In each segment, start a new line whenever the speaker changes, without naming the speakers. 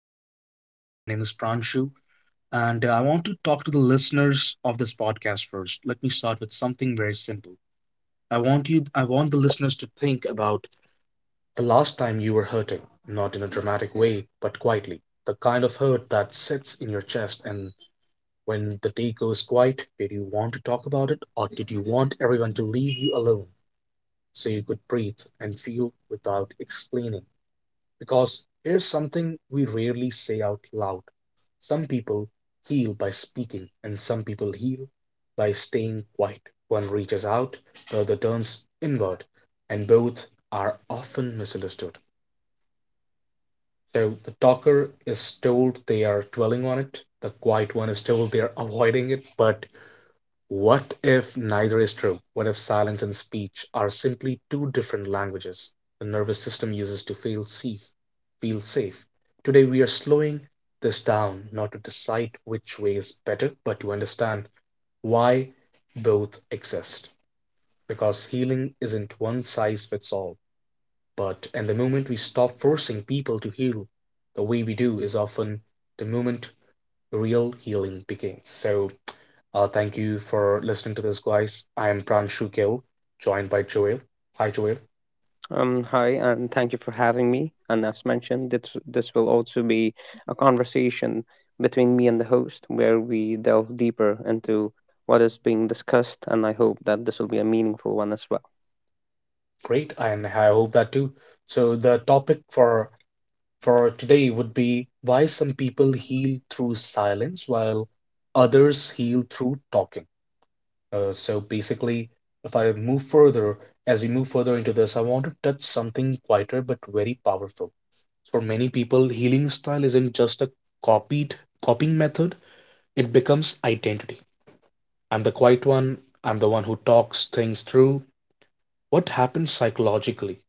joined by Joel. My name is Pranshu, and I want to talk to the listeners of this podcast first. Let me start with something very simple. I want the listeners to think about the last time you were hurting, not in a dramatic way, but quietly. The kind of hurt that sits in your chest, and when the day goes quiet, did you want to talk about it, or did you want everyone to leave you alone so you could breathe and feel without explaining? Because here's something we rarely say out loud. Some people heal by speaking, and some people heal by staying quiet. One reaches out, the other turns inward, and both are often misunderstood. So the talker is told they are dwelling on it, the quiet one is told they are avoiding it, but what if neither is true? What if silence and speech are simply two different languages the nervous system uses to feel safe? Feel safe. Today we are slowing this down not to decide which way is better, but to understand why both exist. Because healing isn't one size fits all. But in the moment we stop forcing people to heal the way we do is often the moment real healing begins. So thank you for listening to this, guys. I am Pranshu Gill, joined by Joel. Hi, Joel.
Hi, and thank you for having me. And as mentioned, this will also be a conversation between me and the host where we delve deeper into what is being discussed, and I hope that this will be a meaningful one as well.
Great, and I hope that too. So the topic for today would be why some people heal through silence while others heal through talking. So basically, if I move further, as we move further into this, I want to touch something quieter but very powerful. For many people, healing style isn't just a copied copying method; it becomes identity. I'm the quiet one. I'm the one who talks things through. What happens psychologically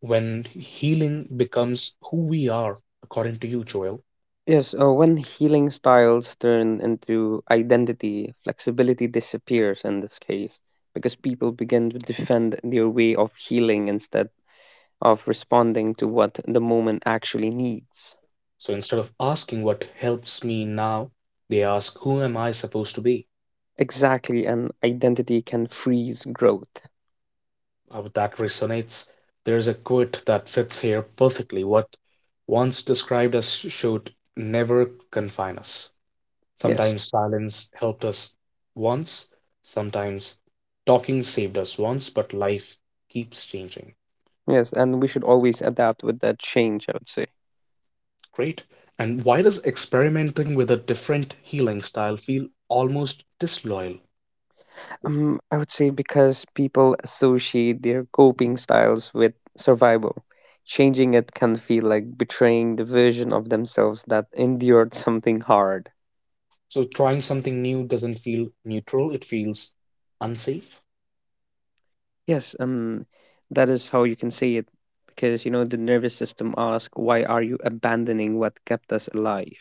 when healing becomes who we are, according to you, Joel?
Yes, when healing styles turn into identity, flexibility disappears in this case because people begin to defend their way of healing instead of responding to what the moment actually needs.
So instead of asking what helps me now, they ask, who am I supposed to be?
Exactly, and identity can freeze growth.
That resonates. There's a quote that fits here perfectly. What once described as should never confine us.
Yes,
Sometimes silence helped us once, sometimes talking saved us once, but life keeps changing.
yes, and we should always adapt with that change, I would say.
Great. And why does experimenting with a different healing style feel almost disloyal?
I would say because people associate their coping styles with survival. Changing it can feel like betraying the version of themselves that endured something hard.
So trying something new doesn't feel neutral, it feels unsafe.
Yes, that is how you can say it, because you know the nervous system asks, "Why are you abandoning what kept us alive?"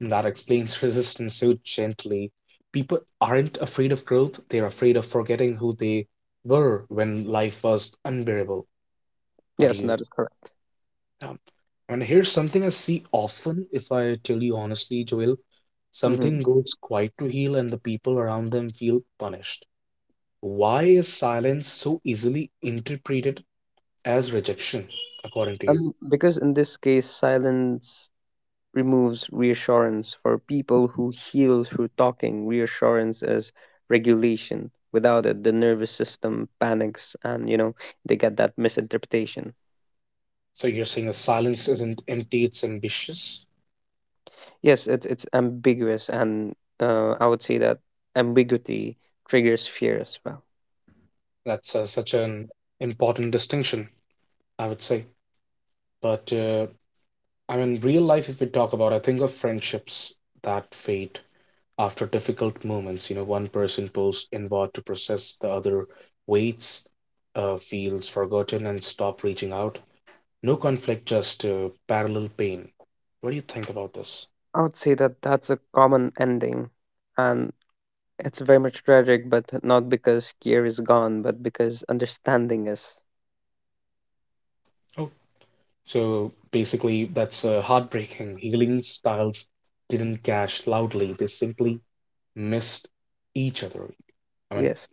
And that explains resistance so gently. People aren't afraid of growth, they're afraid of forgetting who they were when life was unbearable. What do
Yes,
you.
that is correct.
Um, and here's something I see often, if I tell you honestly, Joel.
Mm-hmm.
Something goes quiet to heal, and the people around them feel punished. Why is silence so easily interpreted as rejection, according to you?
Because in this case, silence removes reassurance for people who heal through talking. Reassurance is regulation. Without it, the nervous system panics, and you know they get that misinterpretation.
So you're saying the silence isn't empty, it's ambitious?
Yes, it's ambiguous, and I would say that ambiguity triggers fear as well.
That's such an important distinction, I would say. But I mean, real life, if we talk about, I think of friendships that fade, after difficult moments, you know, one person pulls inward to process, the other waits, feels forgotten, and stop reaching out. No conflict, just parallel pain. What do you think about this?
I would say that that's a common ending, and it's very much tragic, but not because care is gone, but because understanding is.
Oh, so basically, that's heartbreaking. Healing styles didn't clash loudly, they simply missed each other. I mean,
Yes.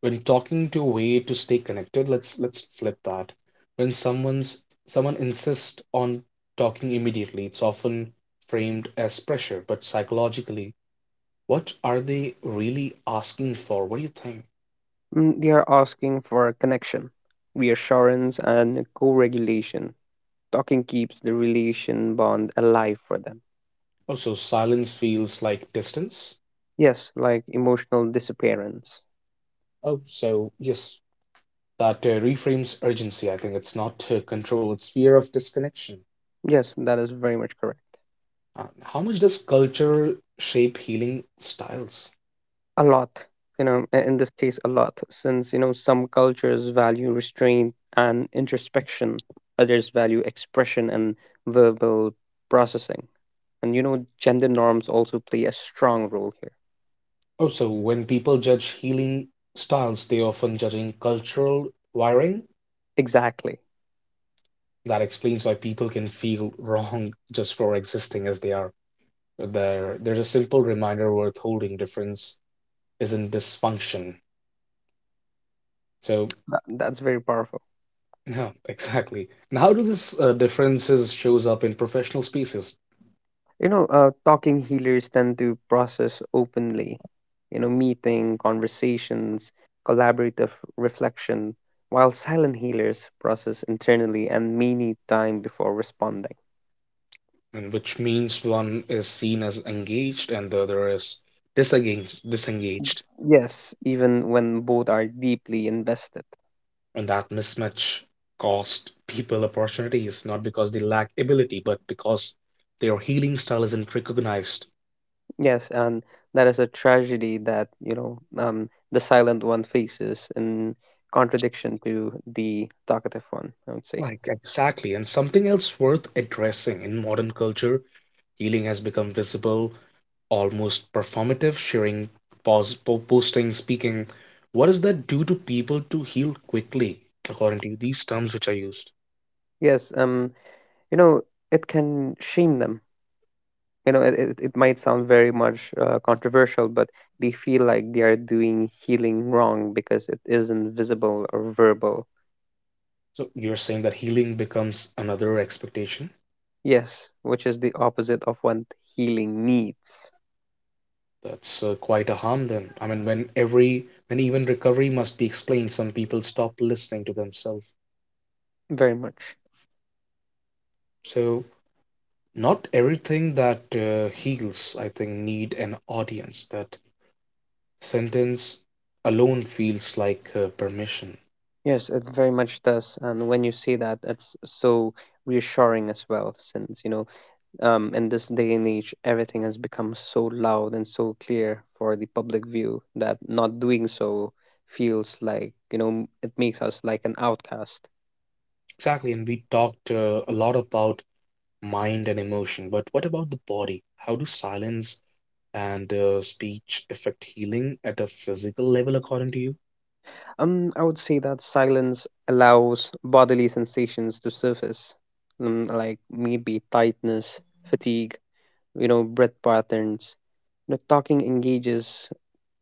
when talking to a way to stay connected, let's flip that. When someone insists on talking immediately, it's often framed as pressure, but psychologically, what are they really asking for? What do you think?
Mm, they are asking for a connection, reassurance, and co regulation. Talking keeps the relation bond alive for them.
Oh, so silence feels like distance.
Yes, like emotional disappearance.
Oh, so yes, that reframes urgency. I think it's not control, it's fear of disconnection.
Yes, that is very much correct.
How much does culture shape healing styles?
A lot, you know, in this case, a lot, since, you know, some cultures value restraint and introspection, others value expression and verbal processing. And, you know, gender norms also play a strong role here.
Oh, so when people judge healing styles, they often judging cultural wiring.
Exactly.
That explains why people can feel wrong just for existing as they are. There's a simple reminder worth holding. Difference isn't dysfunction. So,
That's very powerful.
yeah, exactly. And how do these differences shows up in professional spaces?
You know, talking healers tend to process openly, you know, meeting, conversations, collaborative reflection, while silent healers process internally and may need time before responding.
And which means one is seen as engaged and the other is disengaged.
Yes, even when both are deeply invested.
And that mismatch cost people opportunities not because they lack ability but because their healing style isn't recognized.
Yes, and that is a tragedy that, you know, the silent one faces in contradiction to the talkative one, I would say.
Like exactly, and something else worth addressing in modern culture, healing has become visible, almost performative, sharing, posting, speaking. What does that do to people to heal quickly according to these terms which are used?
Yes, you know, it can shame them, you know, it might sound very much controversial, but they feel like they are doing healing wrong because it isn't visible or verbal.
So you're saying that healing becomes another expectation?
Yes, which is the opposite of what healing needs.
That's quite a harm then. I mean, when every, when even recovery must be explained, some people stop listening to themselves.
Very much.
So not everything that heals, I think, need an audience. That sentence alone feels like permission.
Yes, it very much does, and when you say that, it's so reassuring as well, since you know, in this day and age, everything has become so loud and so clear for the public view that not doing so feels like, you know, it makes us like an outcast.
Exactly, and we talked a lot about mind and emotion, but what about the body? How do silence and speech affect healing at a physical level, according to you?
I would say that silence allows bodily sensations to surface, like maybe tightness, fatigue, you know, breath patterns. You know, talking engages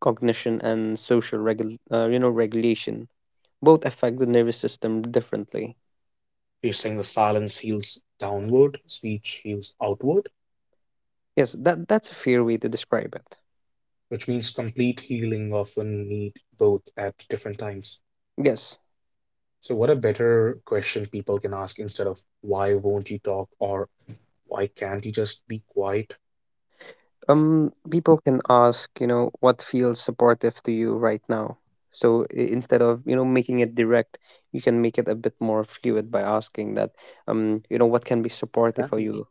cognition and social you know, regulation. Both affect the nervous system differently.
She's saying the silence heals downward, speech heals outward,
Yes, that's a fair way to describe it.
which means complete healing often need both at different times.
Yes.
So, what a better question people can ask instead of why won't you talk or why can't you just be quiet?
People can ask, you know, what feels supportive to you right now. So instead of, you know, making it direct, you can make it a bit more fluid by asking that, you know, what can be supportive for
Exactly.
you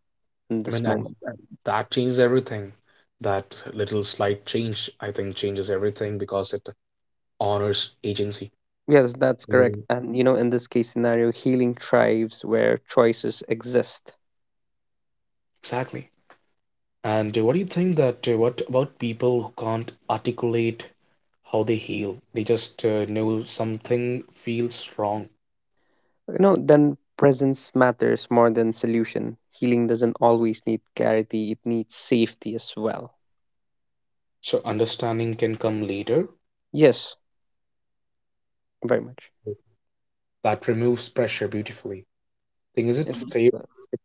in
I mean,
this
and,
moment.
and that changes everything. That little slight change, I think, changes everything because it honors agency.
Yes, that's correct.
Really.
And, you know, in this case scenario, healing thrives where choices exist.
Exactly. And what do you think that what about people who can't articulate how they heal? They just know something feels wrong.
You know, then presence matters more than solution. Healing doesn't always need clarity, it needs safety as well.
So understanding can come later.
Yes, very much.
That removes pressure beautifully. Thing is it
Yes,
fair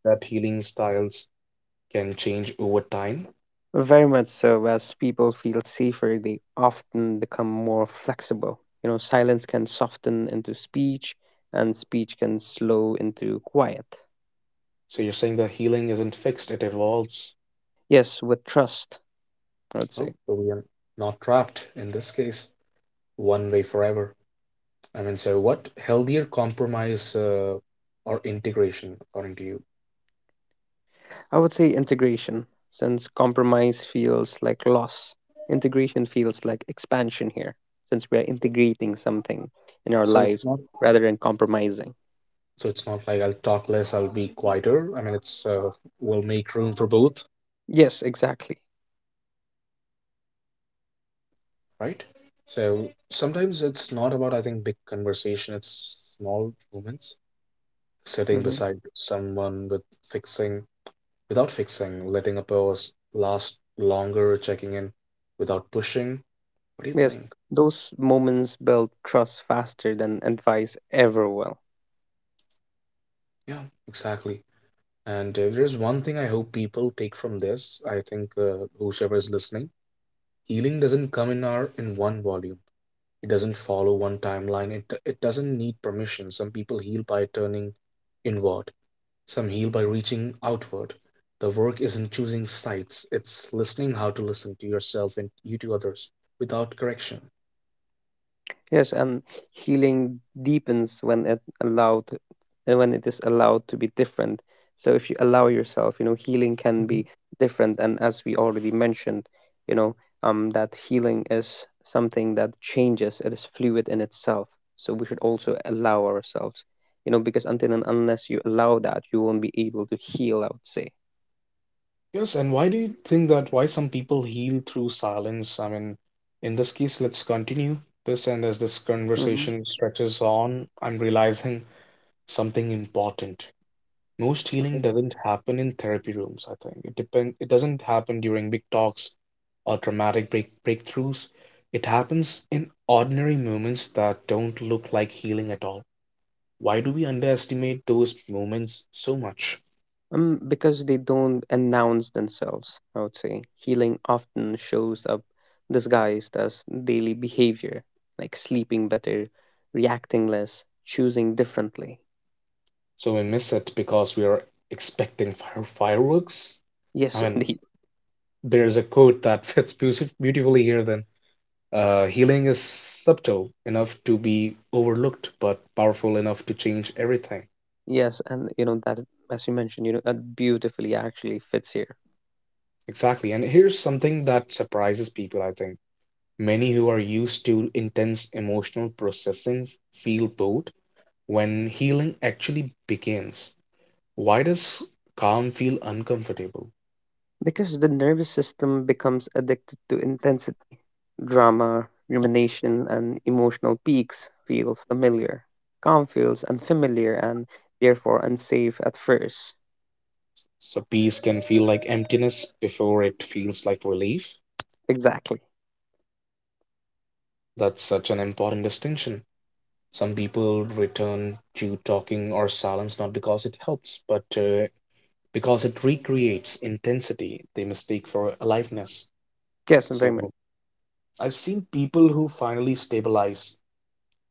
that healing styles can change over time?
very much so. As people feel safer, they often become more flexible. You know, silence can soften into speech, and speech can slow into quiet.
So you're saying that healing isn't fixed, it evolves.
Yes, with trust, I would say.
Oh, so we are not trapped in this case one way forever. I mean, so what healthier compromise or integration according to you?
I would say integration, since compromise feels like loss. Integration feels like expansion here, since we are integrating something in our
So it's
lives
not
rather than compromising.
like I'll talk less, I'll be quieter. I mean, it's we'll make room for both,
Yes, exactly.
right? So sometimes it's not about I think big conversation, it's small moments sitting
Mm-hmm.
beside someone with fixing without fixing, letting a pause last longer, checking in without pushing. What do you
Yes,
think?
those moments build trust faster than advice ever will.
Yeah, exactly. And if there's one thing I hope people take from this, I think whosoever is listening, healing doesn't come in our in one volume. It doesn't follow one timeline. It doesn't need permission. Some people heal by turning inward. Some heal by reaching outward. The work isn't choosing sides. It's listening how to listen to yourself and you to others without correction.
Yes, and healing deepens when it allowed and when it is allowed to be different. So if you allow yourself, you know, healing can be different, and as we already mentioned, you know, that healing is something that changes, it is fluid in itself. So we should also allow ourselves, you know, because until and unless you allow that, you won't be able to heal, I would say.
Yes, and why do you think that why some people heal through silence? I mean, in this case, let's continue this, and as this
hmm
conversation stretches on, I'm realizing something important. Most healing doesn't happen in therapy rooms, I think. It depend it doesn't happen during big talks or dramatic breakthroughs. It happens in ordinary moments that don't look like healing at all. Why do we underestimate those moments so much?
Because they don't announce themselves, I would say. Healing often shows up disguised as daily behavior, like sleeping better, reacting less, choosing differently.
So we miss it because we are expecting fireworks.
Yes,
I mean,
indeed.
there's a quote that fits beautifully here then. Healing is subtle enough to be overlooked, but powerful enough to change everything.
Yes, and you know that, as you mentioned, you know, that beautifully actually fits here.
Exactly. And here's something that surprises people, I think. Many who are used to intense emotional processing feel bored when healing actually begins. Why does calm feel uncomfortable?
Because the nervous system becomes addicted to intense drama, rumination, and emotional peaks feel familiar. Calm feels unfamiliar and therefore unsafe at first.
So peace can feel like emptiness before it feels like relief.
Exactly.
That's such an important distinction. Some people return to talking or silence not because it helps, but because it recreates intensity they mistake for aliveness.
Yes, and very much.
So I've seen people who finally stabilize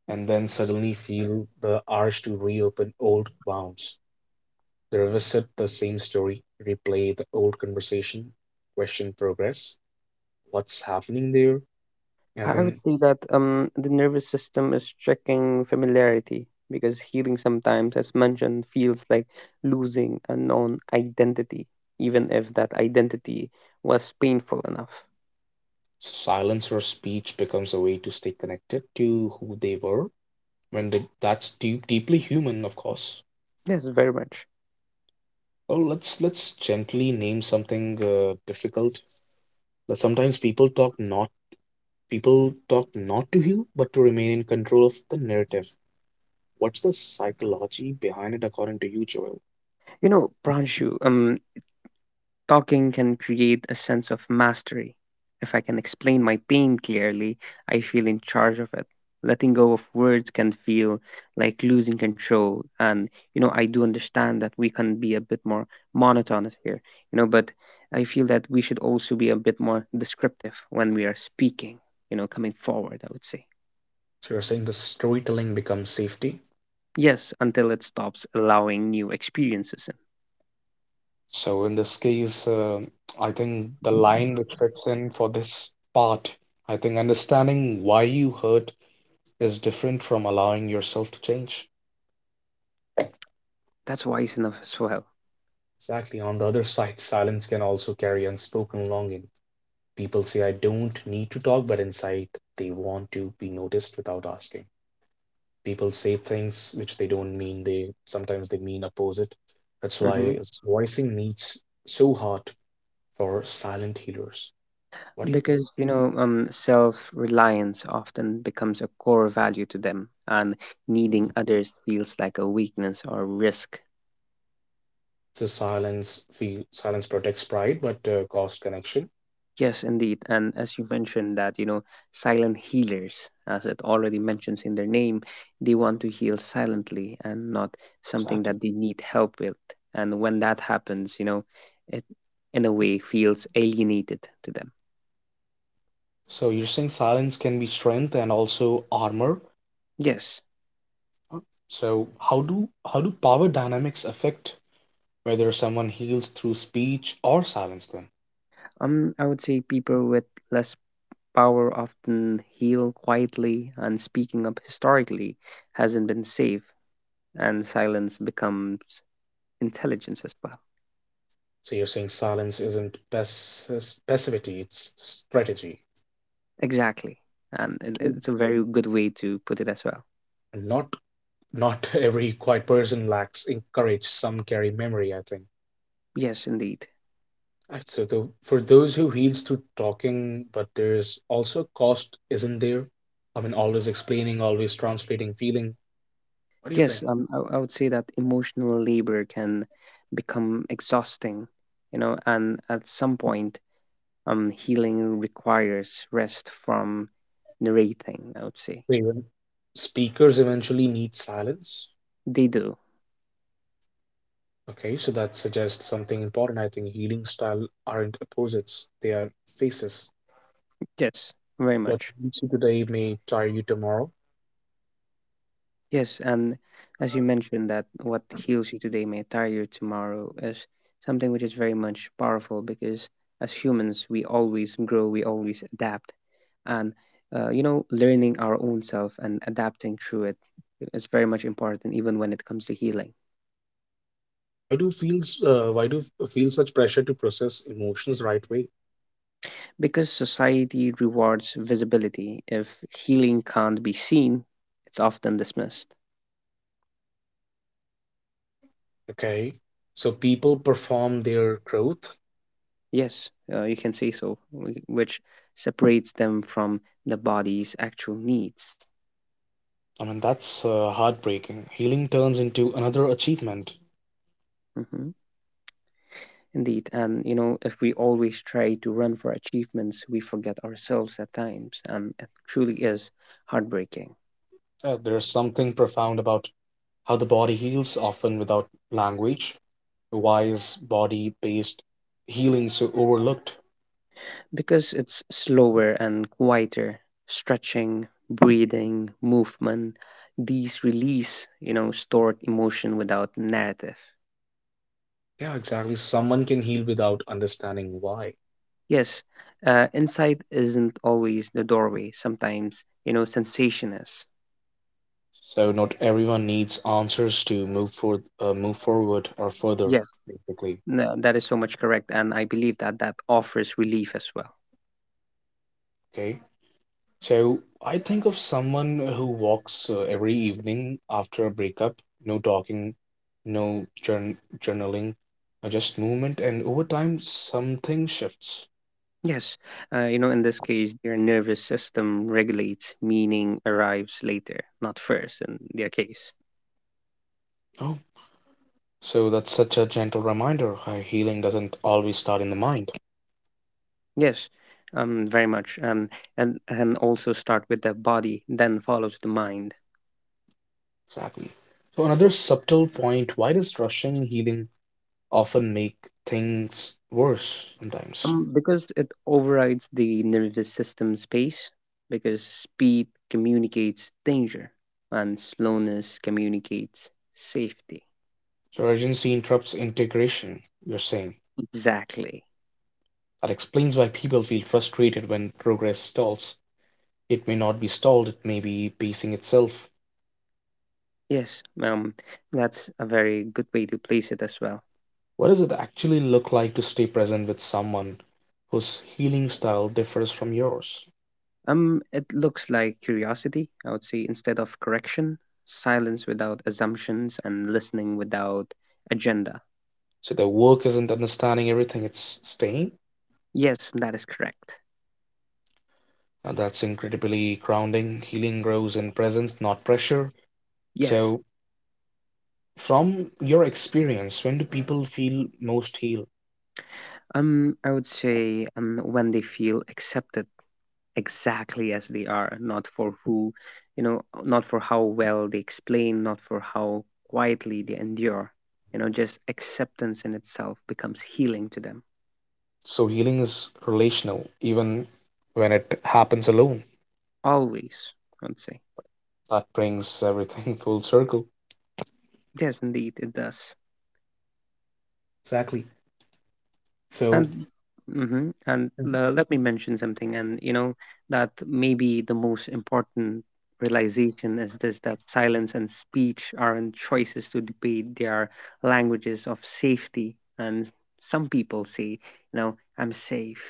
and then suddenly feel the urge to reopen old wounds. They revisit the same story, replay the old conversation, question progress, what's happening there, I
I would
think.
say that the nervous system is checking familiarity because healing sometimes, as mentioned, feels like losing a known identity, even if that identity was painful enough.
Silence or speech becomes a way to stay connected to who they were when they, that's deep, deeply human of course.
Yes, very much.
Well, let's gently name something difficult, but sometimes people talk not to you but to remain in control of the narrative. What's the psychology behind it, according to you, Joel?
You know, Pranshu, talking can create a sense of mastery. If I can explain my pain clearly, I feel in charge of it. Letting go of words can feel like losing control. And, you know, I do understand that we can be a bit more monotonous here, you know, but I feel that we should also be a bit more descriptive when we are speaking, you know, coming forward, I would say.
So you're saying the storytelling becomes safety?
Yes, until it stops allowing new experiences in.
So in this case I think the line which fits in for this part, I think understanding why you hurt is different from allowing yourself to change.
That's wise enough as well.
Exactly. On the other side, silence can also carry unspoken longing. People say, I don't need to talk, but inside they want to be noticed without asking. People say things which they don't mean. They sometimes they mean opposite. That's
Mm-hmm.
why voicing needs so hard for silent healers. What do you think?
Because, you know, self reliance often becomes a core value to them, and needing others feels like a weakness or risk.
So silence protects pride, but cost connection.
Yes, indeed. And as you mentioned, that, you know, silent healers, as it already mentions in their name, they want to heal silently and not something
Exactly.
that they need help with. And when that happens, you know, it in a way feels alienated to them.
So you're saying silence can be strength and also armor?
Yes.
So how do power dynamics affect whether someone heals through speech or silence them?
I would say people with less power often heal quietly, and speaking up historically hasn't been safe, and silence becomes intelligence as well.
So you're saying silence isn't passivity, it's strategy.
Exactly. And it,
Oh,
it's a very good way to put it as well.
and not every quiet person lacks in courage. Some carry memory, I think.
Yes, indeed.
Right, so the, for those who heals through talking, but there's also a cost, isn't there? I mean, always explaining, always translating feeling. What do you think?
Yes, I would say that emotional labor can become exhausting, you know, and at some point, healing requires rest from narrating, I would say.
So even speakers eventually need silence.
They do.
Okay, so that suggests something important. I think healing style aren't opposites, they are phases.
Yes, very
What
much.
needs you today may tire you tomorrow.
Yes, and as you mentioned that what heals you today may tire you tomorrow is something which is very much powerful because as humans we always grow, we always adapt, and you know, learning our own self and adapting through it is very much important even when it comes to healing.
Why do feels why do feel such pressure to process emotions right way?
Because society rewards visibility. If healing can't be seen, it's often dismissed.
Okay, so people perform their growth.
Yes, you can say so, which separates them from the body's actual needs.
I mean, that's heartbreaking. Healing turns into another achievement.
hmm Indeed. And, you know, if we always try to run for achievements, we forget ourselves at times. And it truly is heartbreaking.
There's something profound about how the body heals, often without language. Why is body-based healing so overlooked?
Because it's slower and quieter. Stretching, breathing, movement, these release, you know, stored emotion without narrative.
Yeah, exactly. Someone can heal without understanding why.
Yes, insight isn't always the doorway. Sometimes, you know, sensation is.
So not everyone needs answers to move for move forward or further,
Yes,
basically.
no, that is so much correct. And I believe that that offers relief as well.
Okay. So I think of someone who walks every evening after a breakup, no talking, no journ journaling, just movement, and over time something shifts.
Yes, you know, in this case, their nervous system regulates, meaning arrives later, not first, in their case.
Oh, so that's such a gentle reminder. How healing doesn't always start in the mind.
Yes, very much. And also start with the body, then follows the mind.
Exactly. So another subtle point, why does rushing healing often make things worse sometimes.
Because it overrides the nervous system space, because speed communicates danger, and slowness communicates safety.
So urgency interrupts integration, you're saying.
Exactly.
That explains why people feel frustrated when progress stalls. It may not be stalled, it may be pacing itself.
Yes, um, that's a very good way to place it as well.
What does it actually look like to stay present with someone whose healing style differs from yours?
It looks like curiosity, I would say, instead of correction, silence without assumptions, and listening without agenda.
So their work isn't understanding everything, it's staying.
Yes, that is correct.
And that's incredibly grounding. Healing grows in presence, not pressure.
Yes.
So, from your experience, when do people feel most healed?
I would say when they feel accepted exactly as they are, not for who, you know, not for how well they explain, not for how quietly they endure. You know, just acceptance in itself becomes healing to them.
So healing is relational, even when it happens alone.
Always, I would say.
That brings everything full circle.
Yes, indeed, it does.
Exactly. So
And let me mention something, and you know that maybe the most important realization is this: that silence and speech aren't choices to debate; they are languages of safety. And some people say, you know, I'm safe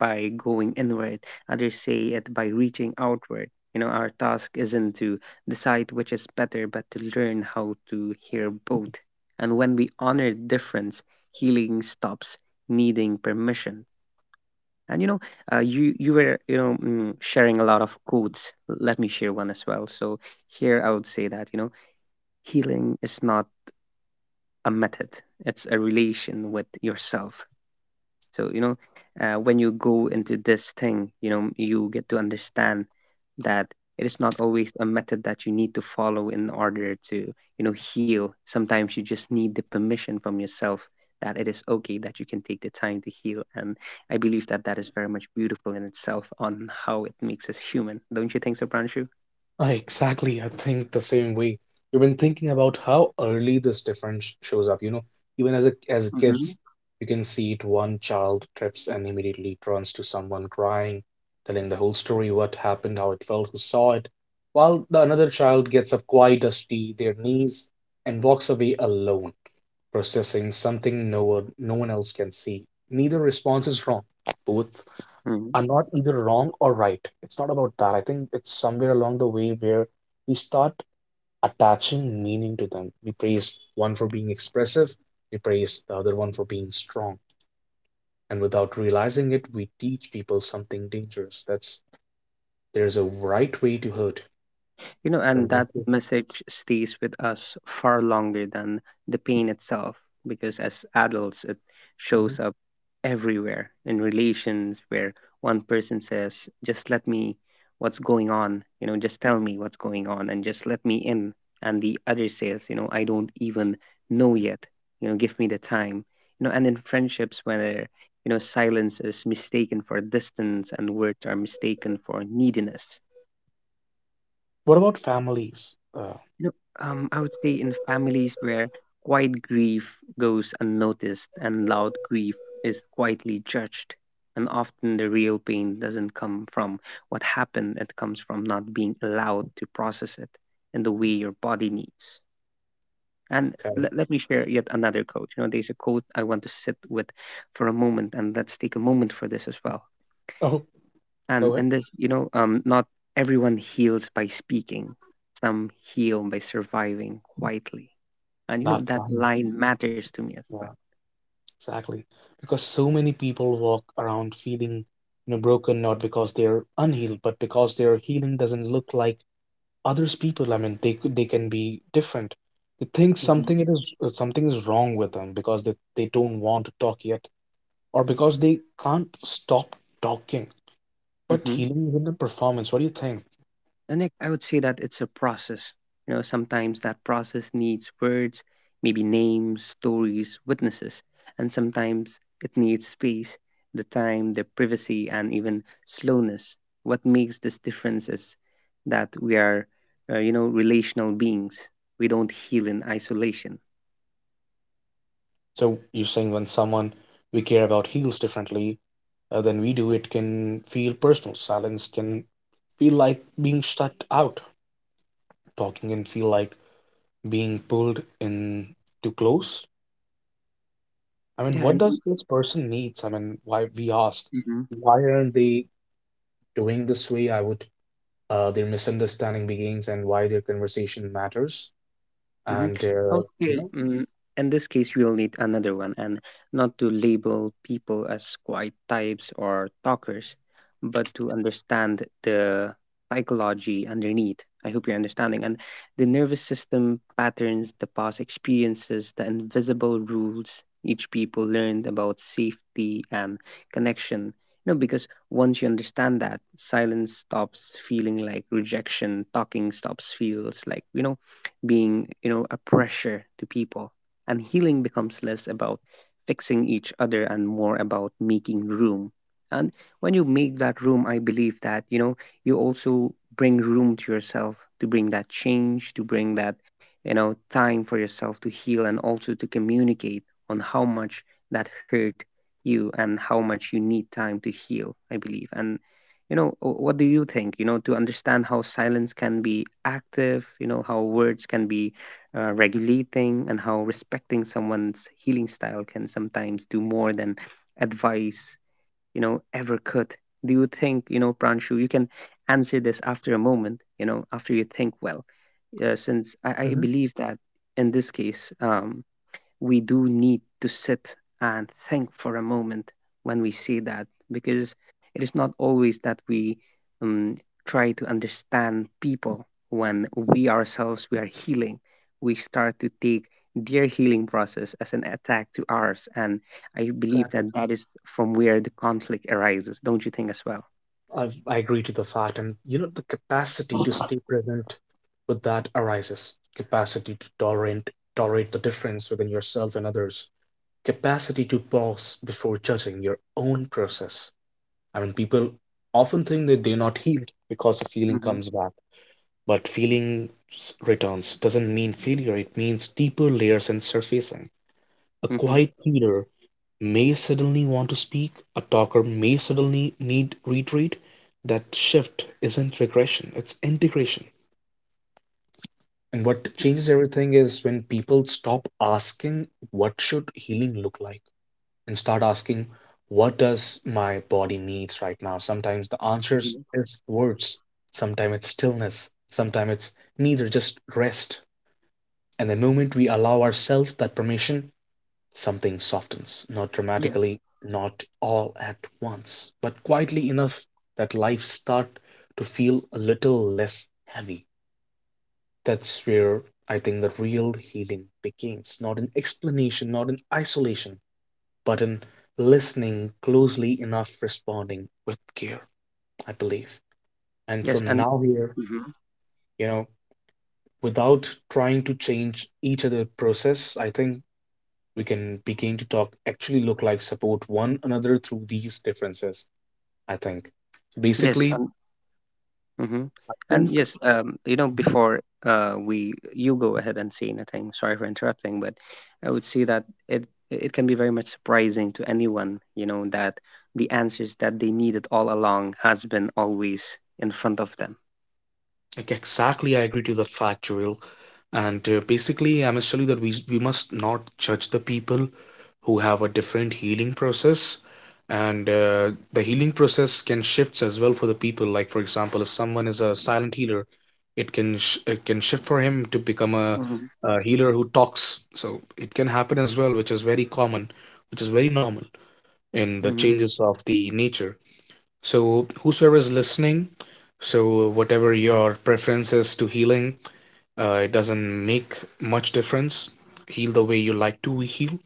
by going inward, others say it by reaching outward. You know, our task isn't to decide which is better, but to learn how to hear both. And when we honor difference, healing stops needing permission. And you know, you were, you know, sharing a lot of quotes. Let me share one as well. So here I would say that you know, healing is not a method; it's a relation with yourself. So, you know, when you go into this thing, you know, you get to understand that it is not always a method that you need to follow in order to, you know, heal. Sometimes you just need the permission from yourself that it is okay that you can take the time to heal. And I believe that that is very much beautiful in itself on how it makes us human. Don't you think so, Pranshu?
ah, exactly. I think the same way. You've been thinking about how early this difference shows up. Even as as kids, you can see it. One child trips and immediately turns to someone crying, telling the whole story, what happened, how it felt, who saw it. While the another child gets up quite dusty, their knees, and walks away alone, processing something no one else can see. Neither response is wrong. Both
hmm
are not either wrong or right. It's not about that. I think it's somewhere along the way where we start attaching meaning to them. We praise one for being expressive, we praise the other one for being strong. And without realizing it, we teach people something dangerous. That's there's a right way to hurt.
You know, and that
The
message stays with us far longer than the pain itself, because as adults, it
mhm.
shows up everywhere in relations where one person says, just let me, what's going on, you know, just tell me what's going on and just let me in. And the other says, you know, I don't even know yet, you know, give me the time. You know, and in friendships, whether, you know, silence is mistaken for distance and words are mistaken for neediness.
What about families?
I would say in families where quiet grief goes unnoticed and loud grief is quietly judged, and often the real pain doesn't come from what happened, it comes from not being allowed to process it in the way your body needs. And
Okay.
let, let me share yet another quote. You know, there's a quote I want to sit with for a moment, and let's take a moment for this as well.
Oh, go
and
ahead.
and this, you know, not everyone heals by speaking, some heal by surviving quietly, and you know
That's
that
mine.
line matters to me as well.
Exactly. Because so many people walk around feeling, broken not because they're unhealed, but because their healing doesn't look like others people. I mean, they can be different. They think something it is something is wrong with them because they don't want to talk yet, or because they can't stop talking. But
Hmm.
healing is in the performance. What do you think?
And I would say that it's a process. You know, sometimes that process needs words, maybe names, stories, witnesses, and sometimes it needs space, the time, the privacy, and even slowness. What makes this difference is that we are, you know, relational beings. We don't heal in isolation.
So you're saying when someone we care about heals differently than we do, it can feel personal. Silence can feel like being shut out. Talking and feel like being pulled in too close? I mean,
Yeah,
what does
and
this person needs? I mean, why we ask,
mhm.
why aren't they doing this way? I would, their misunderstanding begins and why their conversation matters.
Hmm.
And,
Okay. In this case, we'll need another one, and not to label people as quiet types or talkers, but to understand the psychology underneath. I hope you're understanding. And the nervous system patterns, the past experiences, the invisible rules each people learned about safety and connection. You know, because once you understand that, silence stops feeling like rejection, talking stops feels like, you know, being, you know, a pressure to people. And healing becomes less about fixing each other and more about making room. And when you make that room, I believe that, you know, you also bring room to yourself to bring that change, to bring that, you know, time for yourself to heal and also to communicate on how much that hurt you and how much you need time to heal, I believe. And you know, what do you think? You know, to understand how silence can be active, you know, how words can be regulating, and how respecting someone's healing style can sometimes do more than advice, you know, ever could. Do you think, you know, Pranshu, you can answer this after a moment, you know, after you think well? Since I
mhm,
believe that in this case, we do need to sit and think for a moment when we say that, because it is not always that we, um, try to understand people. When we ourselves we are healing, we start to take their healing process as an attack to ours, and I believe
exactly.
that that is from where the conflict arises, don't you think as well?
I agree to the fact. And, the capacity to stay present with that arises, capacity to tolerate, tolerate the difference within yourself and others, capacity to pause before judging your own process. I mean, people often think that they're not healed because the feeling
Mhm.
comes back, but returns doesn't mean failure, it means deeper layers and surfacing. A
Mm-hmm.
quiet leader may suddenly want to speak, a talker may suddenly need retreat. That shift isn't regression, it's integration. And what changes everything is when people stop asking, what should healing look like? And start asking what does my body needs right now. Sometimes the answers
Hmm.
is words, sometimes it's stillness, sometimes it's neither, just rest. And the moment we allow ourselves that permission, something softens, not
Yeah.
dramatically, not all at once, but quietly enough that life start to feel a little less heavy. That's where I think the real healing begins, not in explanation, not in isolation, button, listening closely enough, responding with care, I believe. And
Yes,
from
and
now here,
hmm,
you know, without trying to change each other process, I think we can begin to talk actually look like support one another through these differences, I think.
yes,
Basically,
and mm-hmm.
I
And
think
yes, you know, before we you go ahead and say anything. Sorry for interrupting, but I would say that it can be very much surprising to anyone, you know, that the answers that they needed all along has been always in front of them.
like exactly, I agree to that fact, Joel. And basically, I must tell you that we must not judge the people who have a different healing process, and the healing process can shifts as well for the people. Like for example, if someone is a silent healer, it can shift for him to become
Hmm.
a healer who talks. So it can happen as well, which is very common, which is very normal in the
Mm-hmm.
changes of the nature. So, whosoever is listening, so whatever your preference is to healing, it doesn't make much difference. Heal the way you like to heal.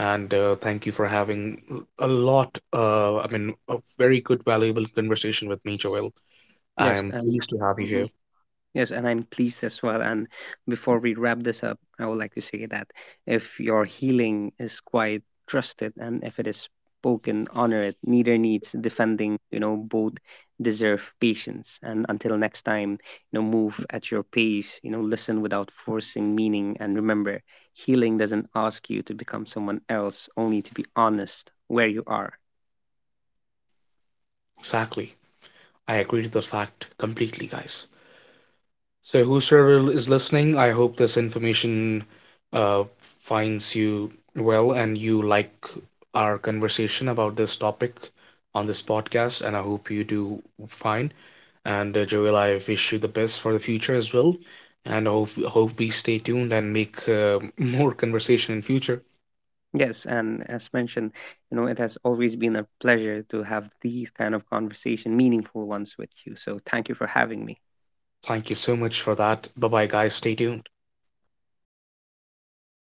And thank you for having a lot, I mean, a very good, valuable conversation with me, Joel. I
Yes,
am
and
pleased to have you
yeah.
here.
Yes, and I'm pleased as well. And before we wrap this up, I would like to say that if your healing is quite trusted and if it is spoken, honor it. Neither needs defending, you know, both deserve patience. And until next time, you know, move at your pace, you know, listen without forcing meaning. And remember, healing doesn't ask you to become someone else, only to be honest where you are.
Exactly. I agree to the fact completely, guys. So, whosoever is listening, I hope this information uh, finds you well and you like our conversation about this topic on this podcast. And I hope you do fine. And Joel, I wish you the best for the future as well. And hope we stay tuned and make more conversation in future.
Yes, and as mentioned, you know, it has always been a pleasure to have these kind of conversation, meaningful ones with you. So thank you for having me.
Thank you so much for that. Bye bye, guys. Stay tuned.